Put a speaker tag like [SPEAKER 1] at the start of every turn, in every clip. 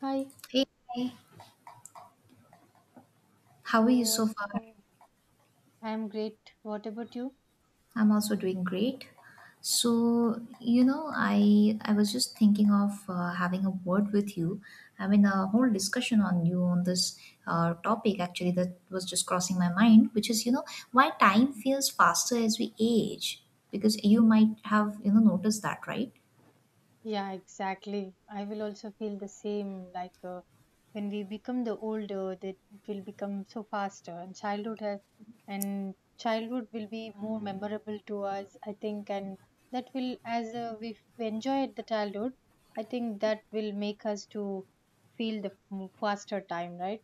[SPEAKER 1] Hi,
[SPEAKER 2] Hey, how
[SPEAKER 1] how
[SPEAKER 2] are you so
[SPEAKER 1] was
[SPEAKER 2] far?
[SPEAKER 1] oh, I'm great. What about you?
[SPEAKER 2] I'm also doing great. So, I was just thinking of having a word with you. I mean, a whole discussion on you on this topic actually that was just crossing my mind, which is, why time feels faster as we age. Because you might have, noticed that, right?
[SPEAKER 1] Yeah, exactly. I will also feel the same. When we become the older, that will become so faster, and childhood will be more memorable to us, I think. And that will, as we enjoy the childhood, I think that will make us to feel the faster time, right?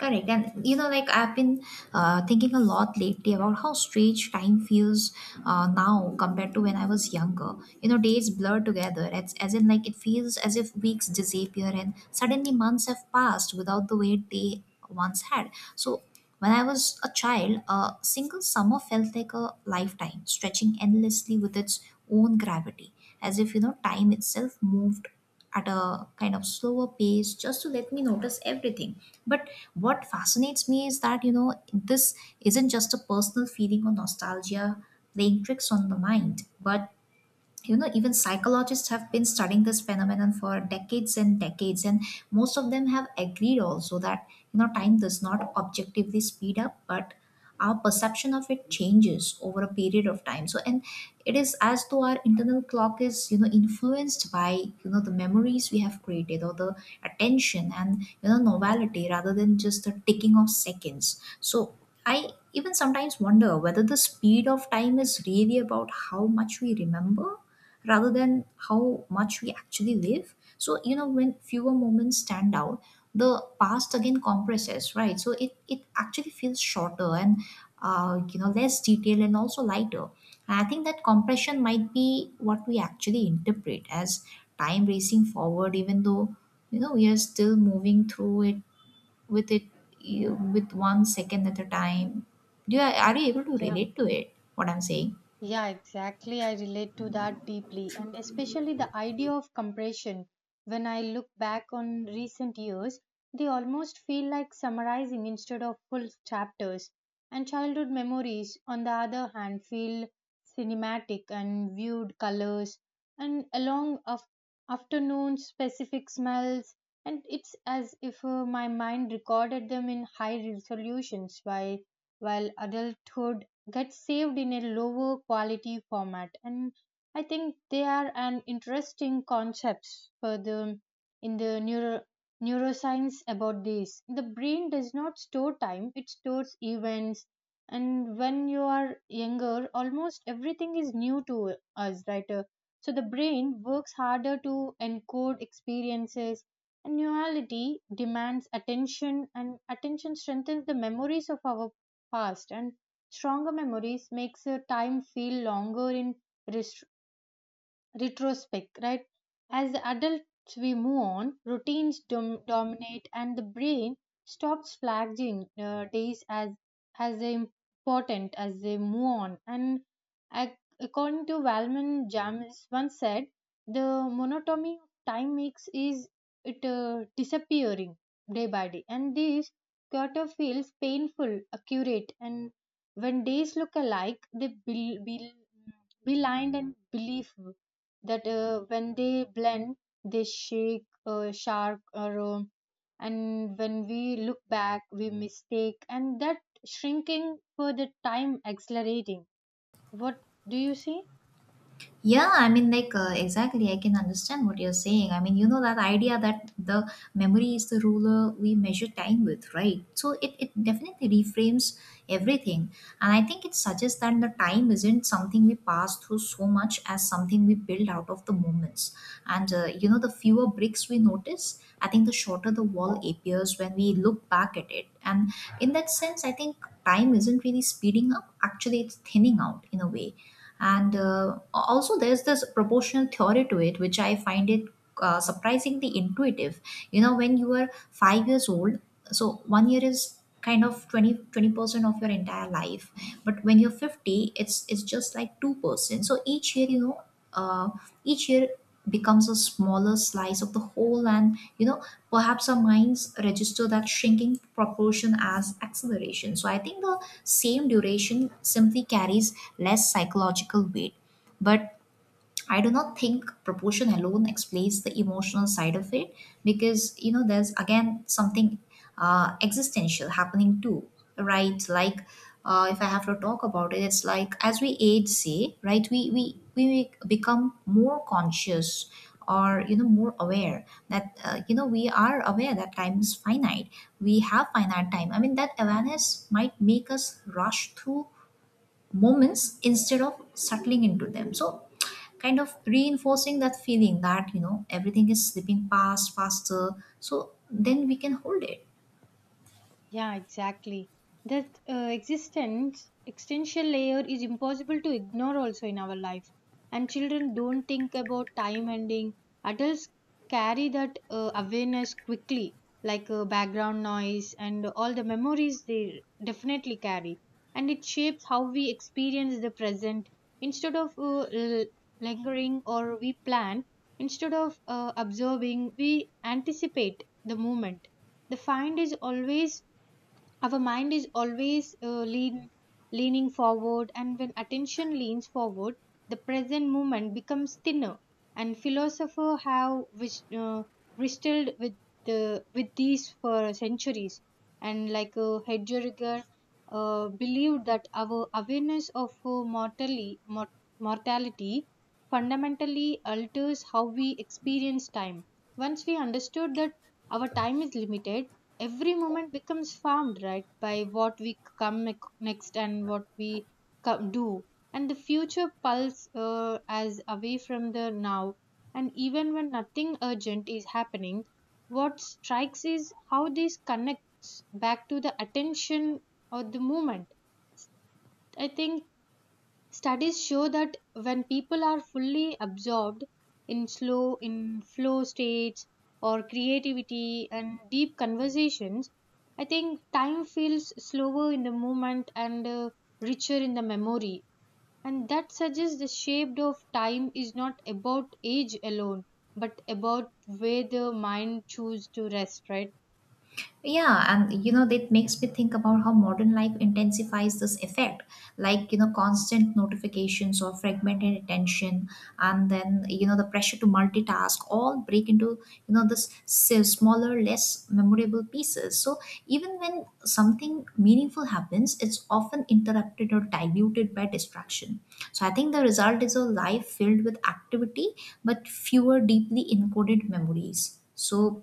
[SPEAKER 2] Correct. And like I've been thinking a lot lately about how strange time feels now compared to when I was younger. Days blur together. It's, as in, like, it feels as if weeks disappear and suddenly months have passed without the weight they once had. So, when I was a child, a single summer felt like a lifetime, stretching endlessly with its own gravity, as if, time itself moved at a kind of slower pace just to let me notice everything. But what fascinates me is that this isn't just a personal feeling or nostalgia playing tricks on the mind. But even psychologists have been studying this phenomenon for decades and decades, and most of them have agreed also that time does not objectively speed up, but our perception of it changes over a period of time. So and it is as though our internal clock is influenced by the memories we have created, or the attention and novelty, rather than just the ticking of seconds. So I even sometimes wonder whether the speed of time is really about how much we remember rather than how much we actually live. So, when fewer moments stand out, the past again compresses, right? So it actually feels shorter and, less detailed and also lighter. And I think that compression might be what we actually interpret as time racing forward, even though, we are still moving through it with it, with 1 second at a time. Do you, are you able to
[SPEAKER 1] Yeah.
[SPEAKER 2] relate to it, what I'm saying?
[SPEAKER 1] Yeah, exactly. I relate to that deeply, and especially the idea of compression. When I look back on recent years, they almost feel like summarizing instead of full chapters. And childhood memories, on the other hand, feel cinematic and viewed colors and along of afternoon specific smells. And it's as if my mind recorded them in high resolutions while adulthood gets saved in a lower quality format. And I think they are an interesting concepts for the neuroscience about this. The brain does not store time, it stores events. And when you are younger, almost everything is new to us, right? So the brain works harder to encode experiences, and Annuality demands attention, and attention strengthens the memories of our past, and stronger memories makes your time feel longer in retrospect, right? As adults, we move on, routines dominate, and the brain stops flagging days as important as they move on. And according to Valman James once said, the monotony of time makes is it disappearing day by day, and this quarter feels painful, accurate, and when days look alike, be lined and believable that when they blend, they shake, shark, or and when we look back, we mistake, and that shrinking for the time accelerating. What do you see?
[SPEAKER 2] Yeah, I mean, like, exactly, I can understand what you're saying. I mean, that idea that the memory is the ruler we measure time with, right? So it definitely reframes everything. And I think it suggests that the time isn't something we pass through so much as something we build out of the moments. And, the fewer bricks we notice, I think the shorter the wall appears when we look back at it. And in that sense, I think time isn't really speeding up, actually, it's thinning out in a way. And also there's this proportional theory to it, which I find it surprisingly intuitive. When you are 5 years old, so one year is kind of twenty percent of your entire life, but when you're 50, it's just like 2%. So each year uh, each year becomes a smaller slice of the whole. And perhaps our minds register that shrinking proportion as acceleration. So I think the same duration simply carries less psychological weight. But I do not think proportion alone explains the emotional side of it, because there's again something existential happening too, right? Like if I have to talk about it, it's like as we age, say, right, we become more conscious or more aware that we are aware that time is finite. We have finite time. I mean, that awareness might make us rush through moments instead of settling into them, so kind of reinforcing that feeling that everything is slipping past faster so then we can hold it.
[SPEAKER 1] Yeah, exactly. That existential layer is impossible to ignore also in our life. And children don't think about time ending. Adults carry that awareness quickly, like background noise, and all the memories they definitely carry. And it shapes how we experience the present. Instead of l- lingering or we plan, instead of observing, we anticipate the moment. The find is always Our mind is always leaning forward, and when attention leans forward, the present moment becomes thinner, and philosophers have wrestled with the with these for centuries. And like Heidegger believed that our awareness of mortality fundamentally alters how we experience time. Once we understood that our time is limited, every moment becomes formed, right, by what we come next, and what we do, and the future pulse as away from the now. And even when nothing urgent is happening, what strikes is how this connects back to the attention or the moment. I think studies show that when people are fully absorbed in slow, in flow states, or creativity and deep conversations, I think time feels slower in the moment, and richer in the memory. And that suggests the shape of time is not about age alone, but about where the mind chooses to rest, right?
[SPEAKER 2] Yeah, and that makes me think about how modern life intensifies this effect, like, constant notifications or fragmented attention, and then, the pressure to multitask all break into, this smaller, less memorable pieces. So even when something meaningful happens, it's often interrupted or diluted by distraction. So I think the result is a life filled with activity, but fewer deeply encoded memories. So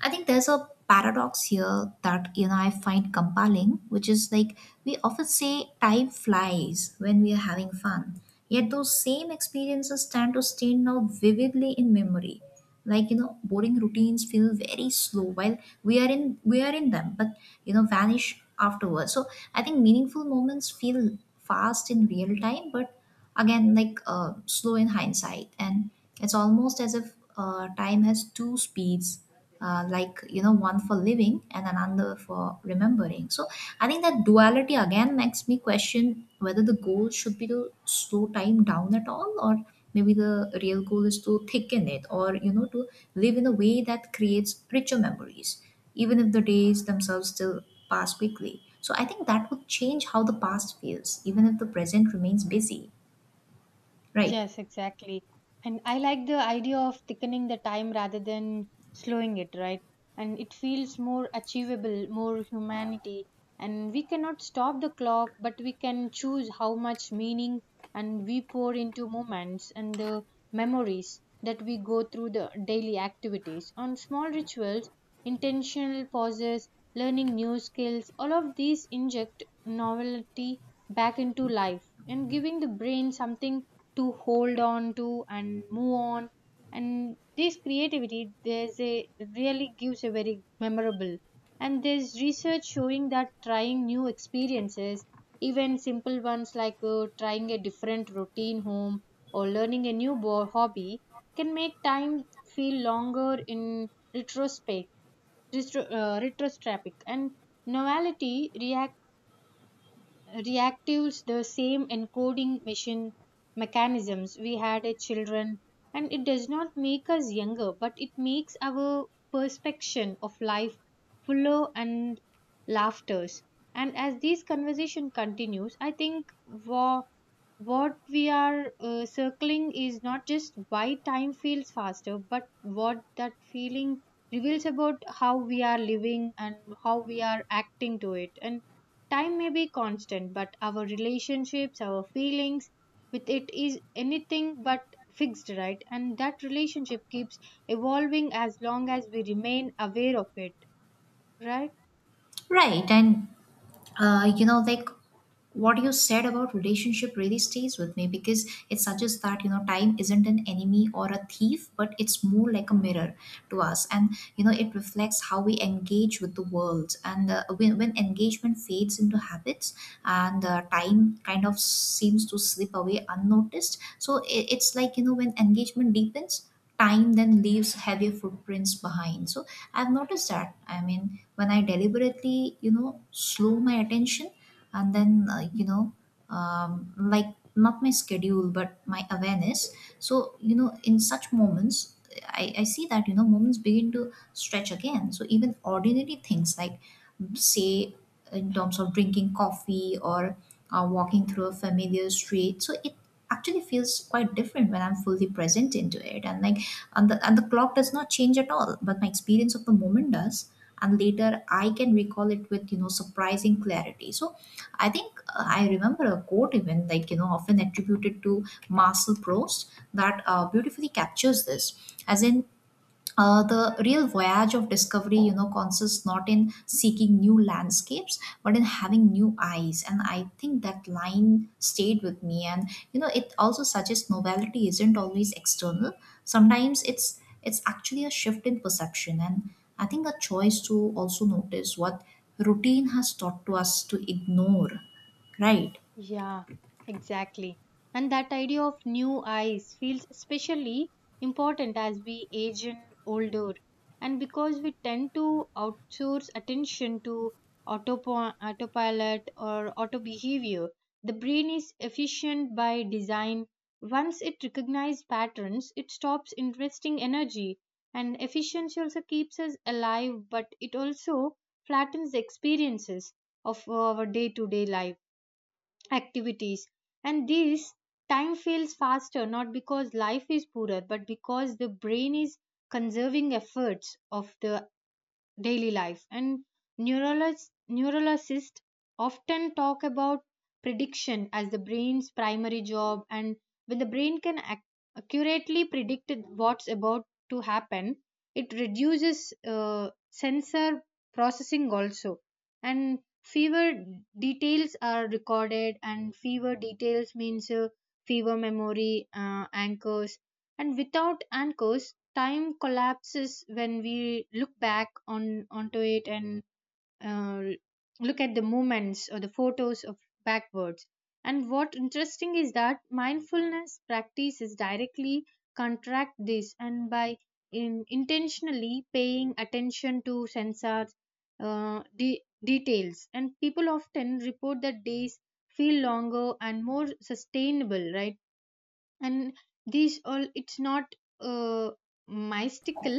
[SPEAKER 2] I think there's a paradox here that I find compelling, which is like we often say time flies when we are having fun. Yet those same experiences tend to stay now vividly in memory. Like boring routines feel very slow while we are in them, but vanish afterwards. So I think meaningful moments feel fast in real time, but again, like slow in hindsight. And it's almost as if time has two speeds, like one for living and another for remembering. So I think that duality again makes me question whether the goal should be to slow time down at all, or maybe the real goal is to thicken it, or to live in a way that creates richer memories, even if the days themselves still pass quickly. So I think that would change how the past feels, even if the present remains busy. Right,
[SPEAKER 1] Yes, exactly. And I like the idea of thickening the time rather than slowing it, right? And it feels more achievable, more humanity. And we cannot stop the clock, but we can choose how much meaning and we pour into moments and the memories that we go through the daily activities. On small rituals, intentional pauses, learning new skills, all of these inject novelty back into life and giving the brain something to hold on to and move on. And this creativity there's a really gives a very memorable. And there's research showing that trying new experiences, even simple ones like trying a different routine home or learning a new hobby, can make time feel longer in retrospect. And novelty react reactives the same encoding machine mechanisms we had as children. And it does not make us younger, but it makes our perception of life fuller and laughters. And as this conversation continues, I think what we are circling is not just why time feels faster, but what that feeling reveals about how we are living, and how we are acting to it. And time may be constant, but our relationships, our feelings with it is anything but fixed, right? And that relationship keeps evolving as long as we remain aware of it, right?
[SPEAKER 2] right. And, like what you said about relationship really stays with me, because it suggests that, time isn't an enemy or a thief, but it's more like a mirror to us. And, it reflects how we engage with the world. And when engagement fades into habits and time kind of seems to slip away unnoticed. So it's like, when engagement deepens, time then leaves heavier footprints behind. So I've noticed that, I mean, when I deliberately slow my attention and then like not my schedule but my awareness. So in such moments I see that moments begin to stretch again. So even ordinary things, like say, in terms of drinking coffee or walking through a familiar street, so it actually feels quite different when I'm fully present into it. And like, and the clock does not change at all but my experience of the moment does, and later I can recall it with surprising clarity. So I think I remember a quote even like often attributed to Marcel Proust that beautifully captures this, as in the real voyage of discovery consists not in seeking new landscapes but in having new eyes. And I think that line stayed with me, and it also suggests novelty isn't always external. Sometimes it's actually a shift in perception and I think a choice to also notice what routine has taught to us to ignore, right?
[SPEAKER 1] Yeah, exactly. And that idea of new eyes feels especially important as we age and older. And because we tend to outsource attention to autopilot or auto behavior, the brain is efficient by design. Once it recognizes patterns, it stops investing energy. And efficiency also keeps us alive, but it also flattens the experiences of our day to day life activities. And this time feels faster not because life is poorer, but because the brain is conserving efforts of the daily life. And neurologists often talk about prediction as the brain's primary job. And when the brain can accurately predict what's about to happen, it reduces sensor processing also. And fewer details are recorded, and fewer details means fewer memory anchors. And without anchors, time collapses when we look back on onto it. And uh, look at the moments or the photos of backwards. And what interesting is that mindfulness practices directly contract this. And by in intentionally paying attention to sensors details, and people often report that days feel longer and more sustainable, right? And these all it's not uh, mystical,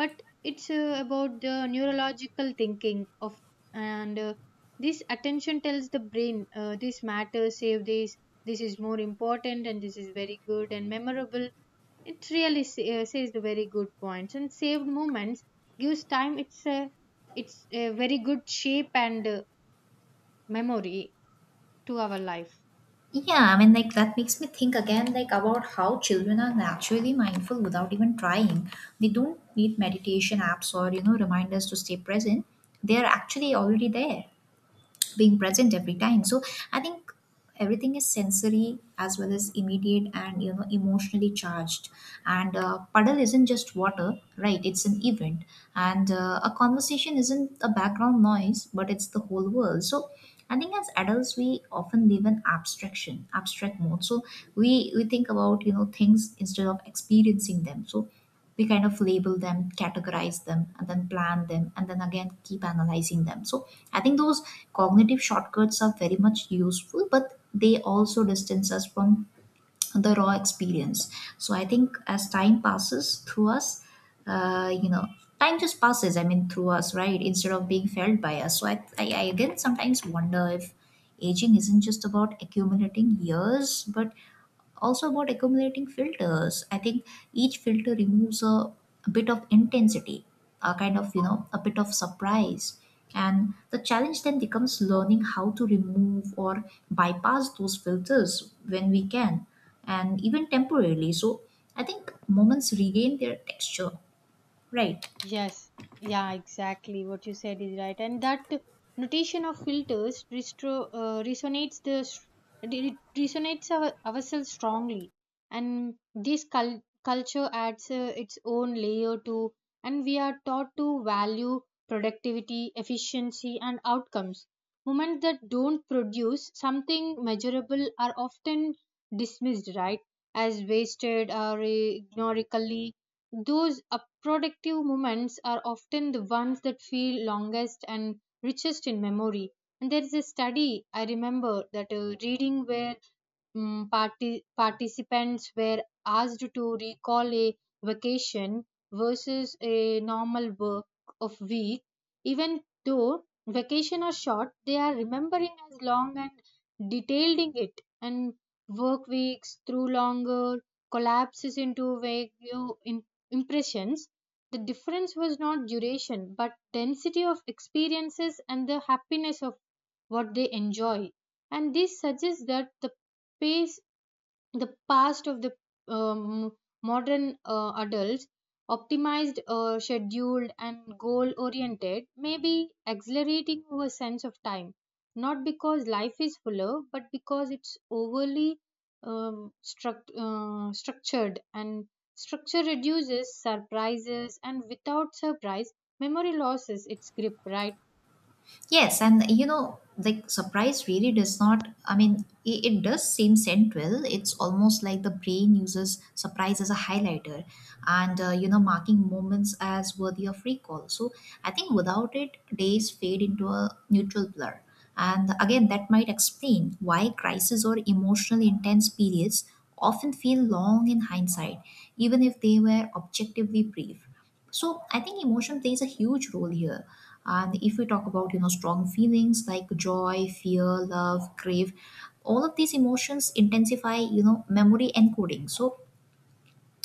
[SPEAKER 1] but it's about the neurological thinking of. And this attention tells the brain this matters, save this, this is more important, and this is very good and memorable. It really says the very good points, and saved moments gives time it's a very good shape, and memory to our life.
[SPEAKER 2] Yeah, I mean, like that makes me think again, like about how children are naturally mindful without even trying. They don't need meditation apps or, reminders to stay present. They are actually already there being present every time. So I think everything is sensory as well as immediate and emotionally charged. And puddle isn't just water, right? It's an event. And a conversation isn't a background noise but it's the whole world. So I think as adults we often live in abstraction abstract mode. So we think about things instead of experiencing them. So we kind of label them, categorize them, and then plan them, and then again keep analyzing them. So I think those cognitive shortcuts are very much useful, but they also distance us from the raw experience. So I think as time passes through us, uh, you know, time just passes, I mean, through us, right? Instead of being felt by us. So I again sometimes wonder if aging isn't just about accumulating years, but also about accumulating filters. I think each filter removes a bit of intensity, a kind of a bit of surprise. And the challenge then becomes learning how to remove or bypass those filters when we can, and even temporarily. So I think moments regain their texture, right?
[SPEAKER 1] Yes, yeah, exactly. What you said is right, and that notation of filters resonates it resonates our, ourselves strongly. And this culture adds its own layer to, and we are taught to value productivity, efficiency, and outcomes. Moments that don't produce something measurable are often dismissed, right, as wasted or ignorically. Those productive moments are often the ones that feel longest and richest in memory. And there is a study I remember that reading where participants were asked to recall a vacation versus a normal work of week. Even though vacation are short, they are remembering as long and detailed in it. And work weeks through longer collapses into vague in- impressions. The difference was not duration but density of experiences and the happiness of what they enjoy. And this suggests that the pace, the past of the um, modern adults optimized scheduled and goal oriented may be accelerating our sense of time, not because life is fuller, but because it's overly structured. And structure reduces surprises, and without surprise, memory loses its grip, right?
[SPEAKER 2] Yes, and like surprise really does not, I mean, it does seem central. It's almost like the brain uses surprise as a highlighter and, marking moments as worthy of recall. So I think without it, days fade into a neutral blur. And again, that might explain why crises or emotionally intense periods often feel long in hindsight, even if they were objectively brief. So I think emotion plays a huge role here. And if we talk about, you know, strong feelings like joy, fear, love, crave, all of these emotions intensify, you know, memory encoding. So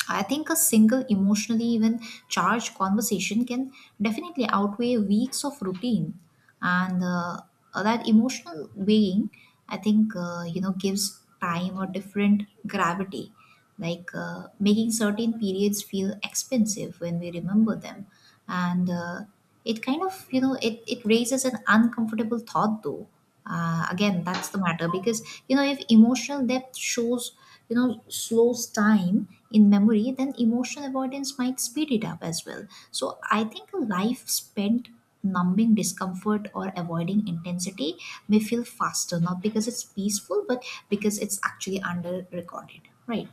[SPEAKER 2] I think a single emotionally even charged conversation can definitely outweigh weeks of routine, and That emotional weighing, I think, you know, gives time a different gravity, like making certain periods feel expensive when we remember them, and It kind of, you know, it raises an uncomfortable thought though. Again, that's the matter because, you know, if emotional depth shows, you know, slows time in memory, then emotional avoidance might speed it up as well. So I think a life spent numbing discomfort or avoiding intensity may feel faster, not because it's peaceful, but because it's actually under recorded, right?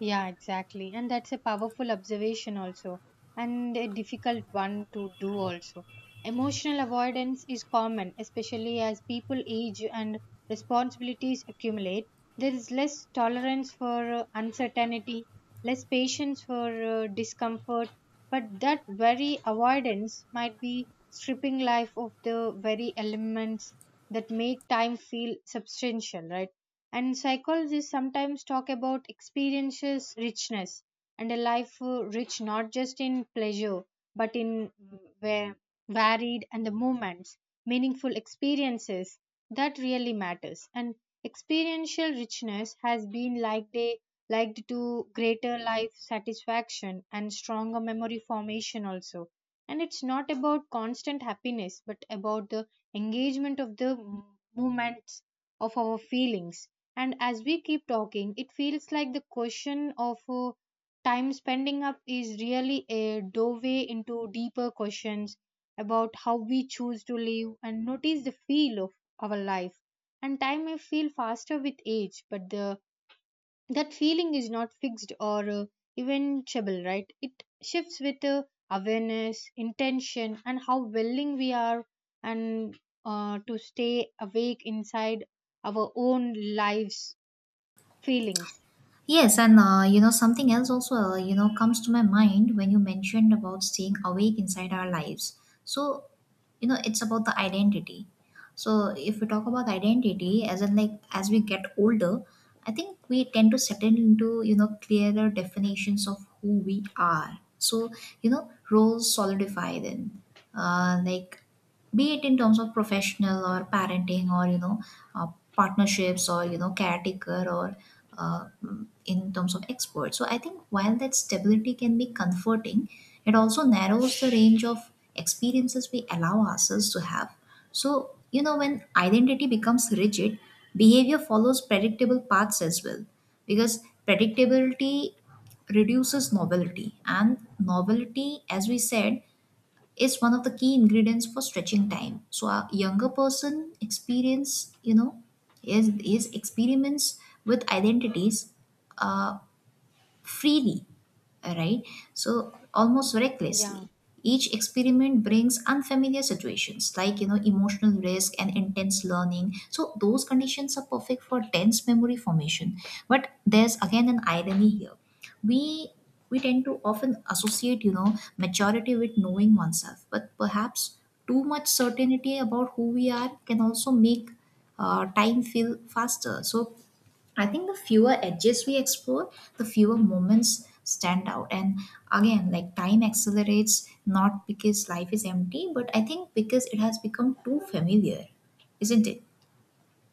[SPEAKER 1] Yeah, exactly. And that's a powerful observation also, and a difficult one to do also. Emotional avoidance is common, especially as people age and responsibilities accumulate. There is less tolerance for uncertainty, less patience for discomfort, but that very avoidance might be stripping life of the very elements that make time feel substantial, right? And psychologists sometimes talk about experiences richness, and a life rich not just in pleasure, but in va- varied and the moments, meaningful experiences that really matters. And experiential richness has been liked a liked to greater life satisfaction and stronger memory formation also. And it's not about constant happiness, but about the engagement of the movements of our feelings. And as we keep talking, it feels like the question of time spending up is really a doorway into deeper questions about how we choose to live and notice the feel of our life. And time may feel faster with age, but the that feeling is not fixed or eventable, right? It shifts with awareness, intention, and how willing we are and to stay awake inside our own lives' feelings.
[SPEAKER 2] Yes, and you know, something else also you know, comes to my mind when you mentioned about staying awake inside our lives. So, you know, it's about the identity. So if we talk about identity, as in, like, as we get older, I think we tend to settle into, you know, clearer definitions of who we are. So, you know, roles solidify then, like be it in terms of professional or parenting, or you know, uh, partnerships, or you know, caretaker, or uh, in terms of export. So I think while that stability can be comforting, it also narrows the range of experiences we allow ourselves to have. So, you know, when identity becomes rigid, behavior follows predictable paths as well, because predictability reduces novelty, and novelty, as we said, is one of the key ingredients for stretching time. So a younger person experience, you know, is experiments with identities, uh, freely, right? So almost
[SPEAKER 1] Yeah.
[SPEAKER 2] recklessly. Each experiment brings unfamiliar situations, like, you know, emotional risk and intense learning. So those conditions are perfect for dense memory formation. But there's again an irony here. We we tend to often associate, you know, maturity with knowing oneself, but perhaps too much certainty about who we are can also make time feel faster. So I think the fewer edges we explore, the fewer moments stand out. And again, like, time accelerates not because life is empty, but I think because it has become too familiar, isn't it?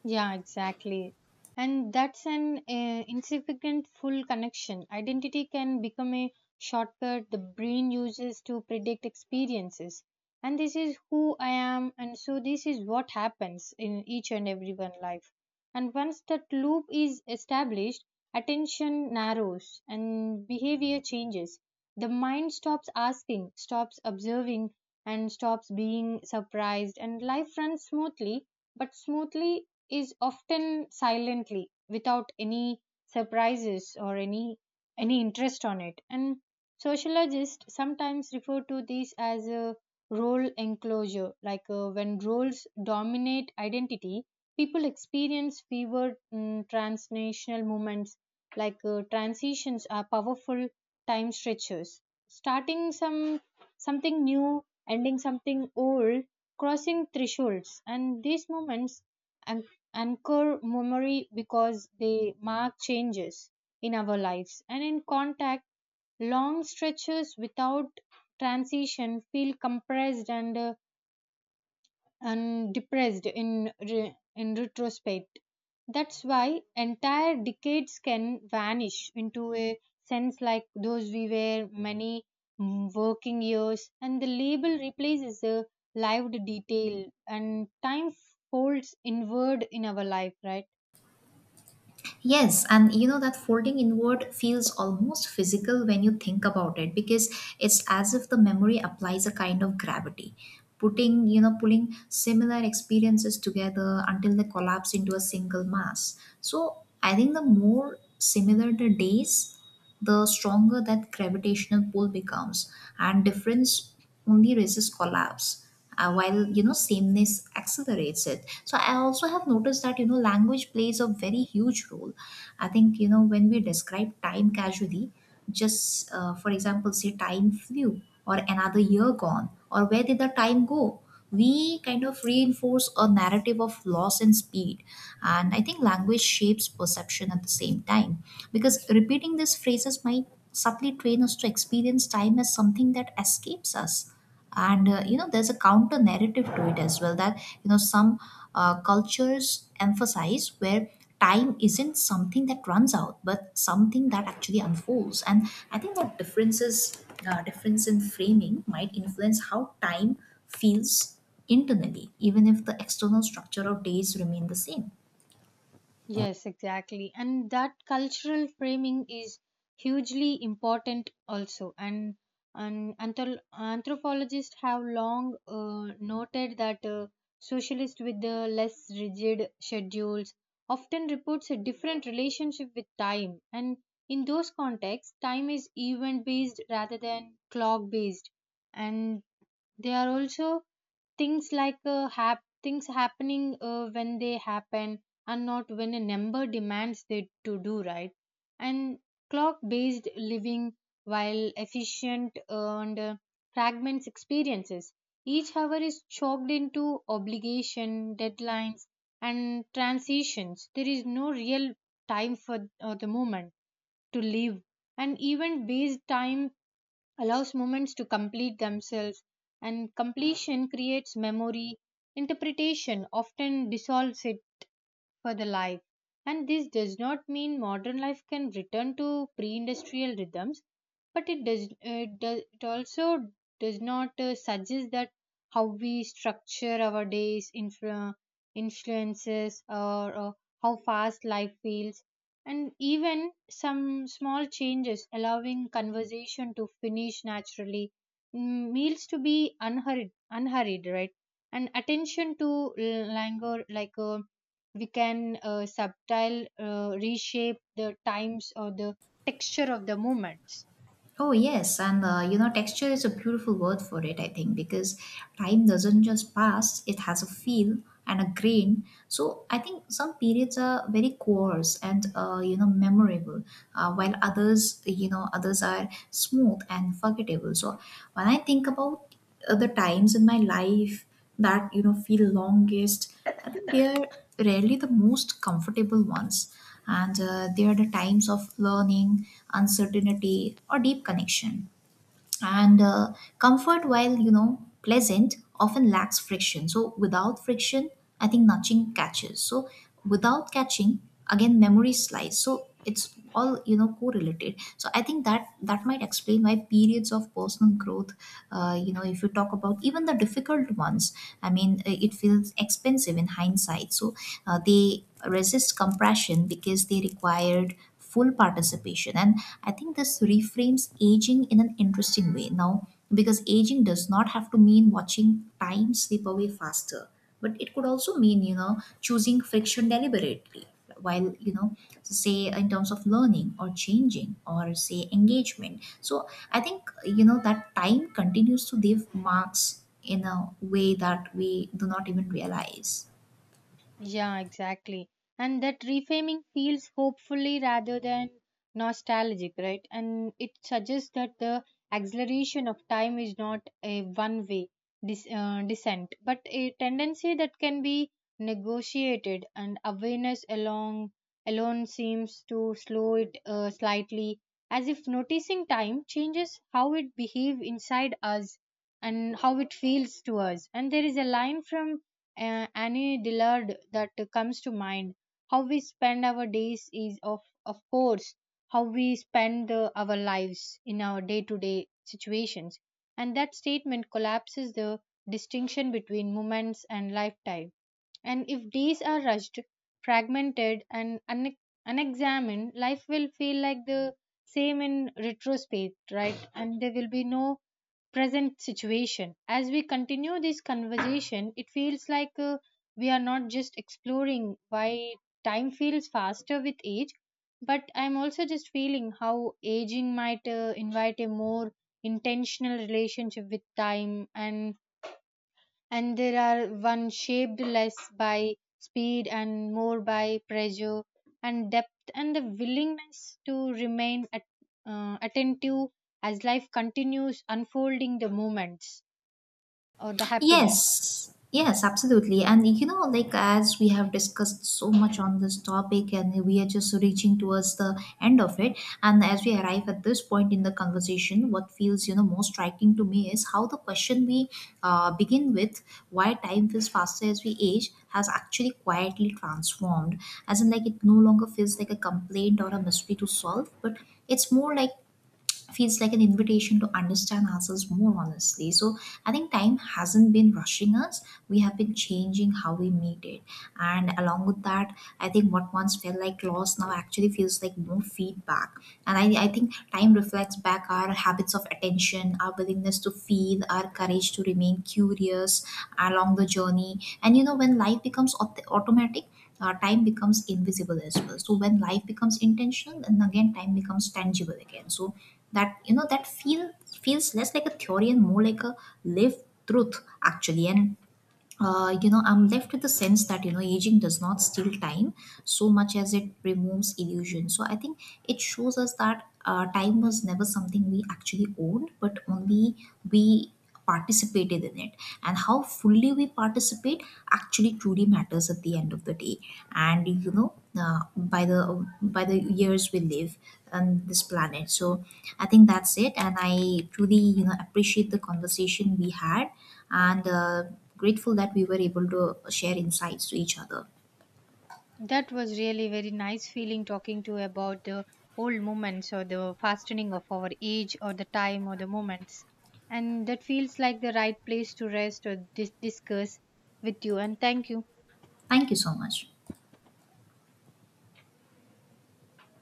[SPEAKER 1] Yeah, exactly. And that's an insignificant full connection. Identity can become a shortcut the brain uses to predict experiences, and this is who I am, and so this is what happens in each and every one life. And once that loop is established, attention narrows and behavior changes. The mind stops asking, stops observing, and stops being surprised, and life runs smoothly. But smoothly is often silently without any surprises or any interest on it. And sociologists sometimes refer to this as a role enclosure, like when roles dominate identity, people experience fewer transnational movements, like transitions are powerful time stretchers. Starting something new, ending something old, crossing thresholds, and these moments an- anchor memory because they mark changes in our lives. And in contact, long stretches without transition feel compressed and depressed in retrospect. That's why entire decades can vanish into a sense like those we were many working years, and the label replaces the lived detail, and time folds inward in our life, right?
[SPEAKER 2] Yes, and you know, that folding inward feels almost physical when you think about it, because it's as if the memory applies a kind of gravity, putting, you know, pulling similar experiences together until they collapse into a single mass. So I think the more similar the days, the stronger that gravitational pull becomes, and difference only raises collapse, while, you know, sameness accelerates it. So I also have noticed that, you know, language plays a very huge role. I think, you know, when we describe time casually, just for example, say, "Time flew," or "Another year gone," or "Where did the time go," we kind of reinforce a narrative of loss and speed. And I think language shapes perception at the same time, because repeating these phrases might subtly train us to experience time as something that escapes us. And you know, there's a counter narrative to it as well, that, you know, some cultures emphasize, where time isn't something that runs out but something that actually unfolds. And I think that differences, difference in framing might influence how time feels internally, even if the external structure of days remain the same.
[SPEAKER 1] Yes, exactly. And that cultural framing is hugely important also. And anthropologists have long noted that socialists with the less rigid schedules often reports a different relationship with time. And in those contexts, time is event based rather than clock based. And there are also things like things happening when they happen and not when a number demands they to do, right? And clock based living, while efficient and fragments experiences, each hour is chalked into obligation deadlines and transitions. There is no real time for the moment to live. And event based time allows moments to complete themselves, and completion creates memory. Interpretation often dissolves it for the life. And this does not mean modern life can return to pre-industrial rhythms, but it also does not suggest that how we structure our days influences, or how fast life feels. And even some small changes allowing conversation to finish naturally, meals to be unhurried, right, and attention to languor, like we can subtile reshape the times or the texture of the movements.
[SPEAKER 2] Oh, yes. And, you know, texture is a beautiful word for it, I think, because time doesn't just pass, it has a feel and a grain. So I think some periods are very coarse and, you know, memorable, while others, you know, others are smooth and forgettable. So when I think about the times in my life that, you know, feel longest, I think they are rarely the most comfortable ones. And they are the times of learning, uncertainty, or deep connection. And comfort, while, you know, pleasant, often lacks friction. So without friction, I think nothing catches. So without catching, again, memory slides. So it's all, you know, correlated. So I think that might explain why periods of personal growth, you know, if you talk about even the difficult ones, I mean, it feels expensive in hindsight. So they resist compression because they required full participation. And I think this reframes aging in an interesting way now, because aging does not have to mean watching time slip away faster, but it could also mean, you know, choosing friction deliberately, while, you know, say, in terms of learning or changing or say engagement. So I think, you know, that time continues to leave marks in a way that we do not even realize.
[SPEAKER 1] Yeah, exactly. And that reframing feels hopefully rather than nostalgic, right? And it suggests that the acceleration of time is not a one way descent, but a tendency that can be negotiated. And awareness along alone seems to slow it slightly, as if noticing time changes how it behave inside us and how it feels to us. And there is a line from Annie Dillard that comes to mind. How we spend our days is of course how we spend our lives in our day-to-day situations. And that statement collapses the distinction between moments and lifetime. And if days are rushed, fragmented, and unexamined, life will feel like the same in retrospect, right? And there will be no present situation. As we continue this conversation, it feels like we are not just exploring why time feels faster with age, but I'm also just feeling how aging might invite a more intentional relationship with time, and there are one shaped less by speed and more by pressure and depth, and the willingness to remain attentive as life continues unfolding the moments or the happiness.
[SPEAKER 2] Yes, yes, absolutely. And you know, like, as we have discussed so much on this topic, and we are just reaching towards the end of it. And as we arrive at this point in the conversation, what feels, you know, most striking to me is how the question we begin with, why time feels faster as we age, has actually quietly transformed. As in, like, it no longer feels like a complaint or a mystery to solve, but it's more like feels like an invitation to understand ourselves more honestly. So I think time hasn't been rushing us. We have been changing how we meet it. And along with that, I think what once felt like loss now actually feels like more feedback. And I think time reflects back our habits of attention, our willingness to feel, our courage to remain curious along the journey. And you know, when life becomes automatic, time becomes invisible as well. So when life becomes intentional, then again time becomes tangible again. So that, you know, that feels less like a theory and more like a lived truth actually. And you know, I'm left with the sense that, you know, aging does not steal time so much as it removes illusion. So I think it shows us that time was never something we actually owned, but only we participated in it. And how fully we participate actually truly matters at the end of the day. And you know, by the years we live on this planet. So I think that's it. And I truly, you know, appreciate the conversation we had, and grateful that we were able to share insights to each other.
[SPEAKER 1] That was really very nice feeling talking to you about the old moments or the fastening of our age or the time or the moments. And that feels like the right place to rest or discuss with you, and thank you.
[SPEAKER 2] Thank you so much.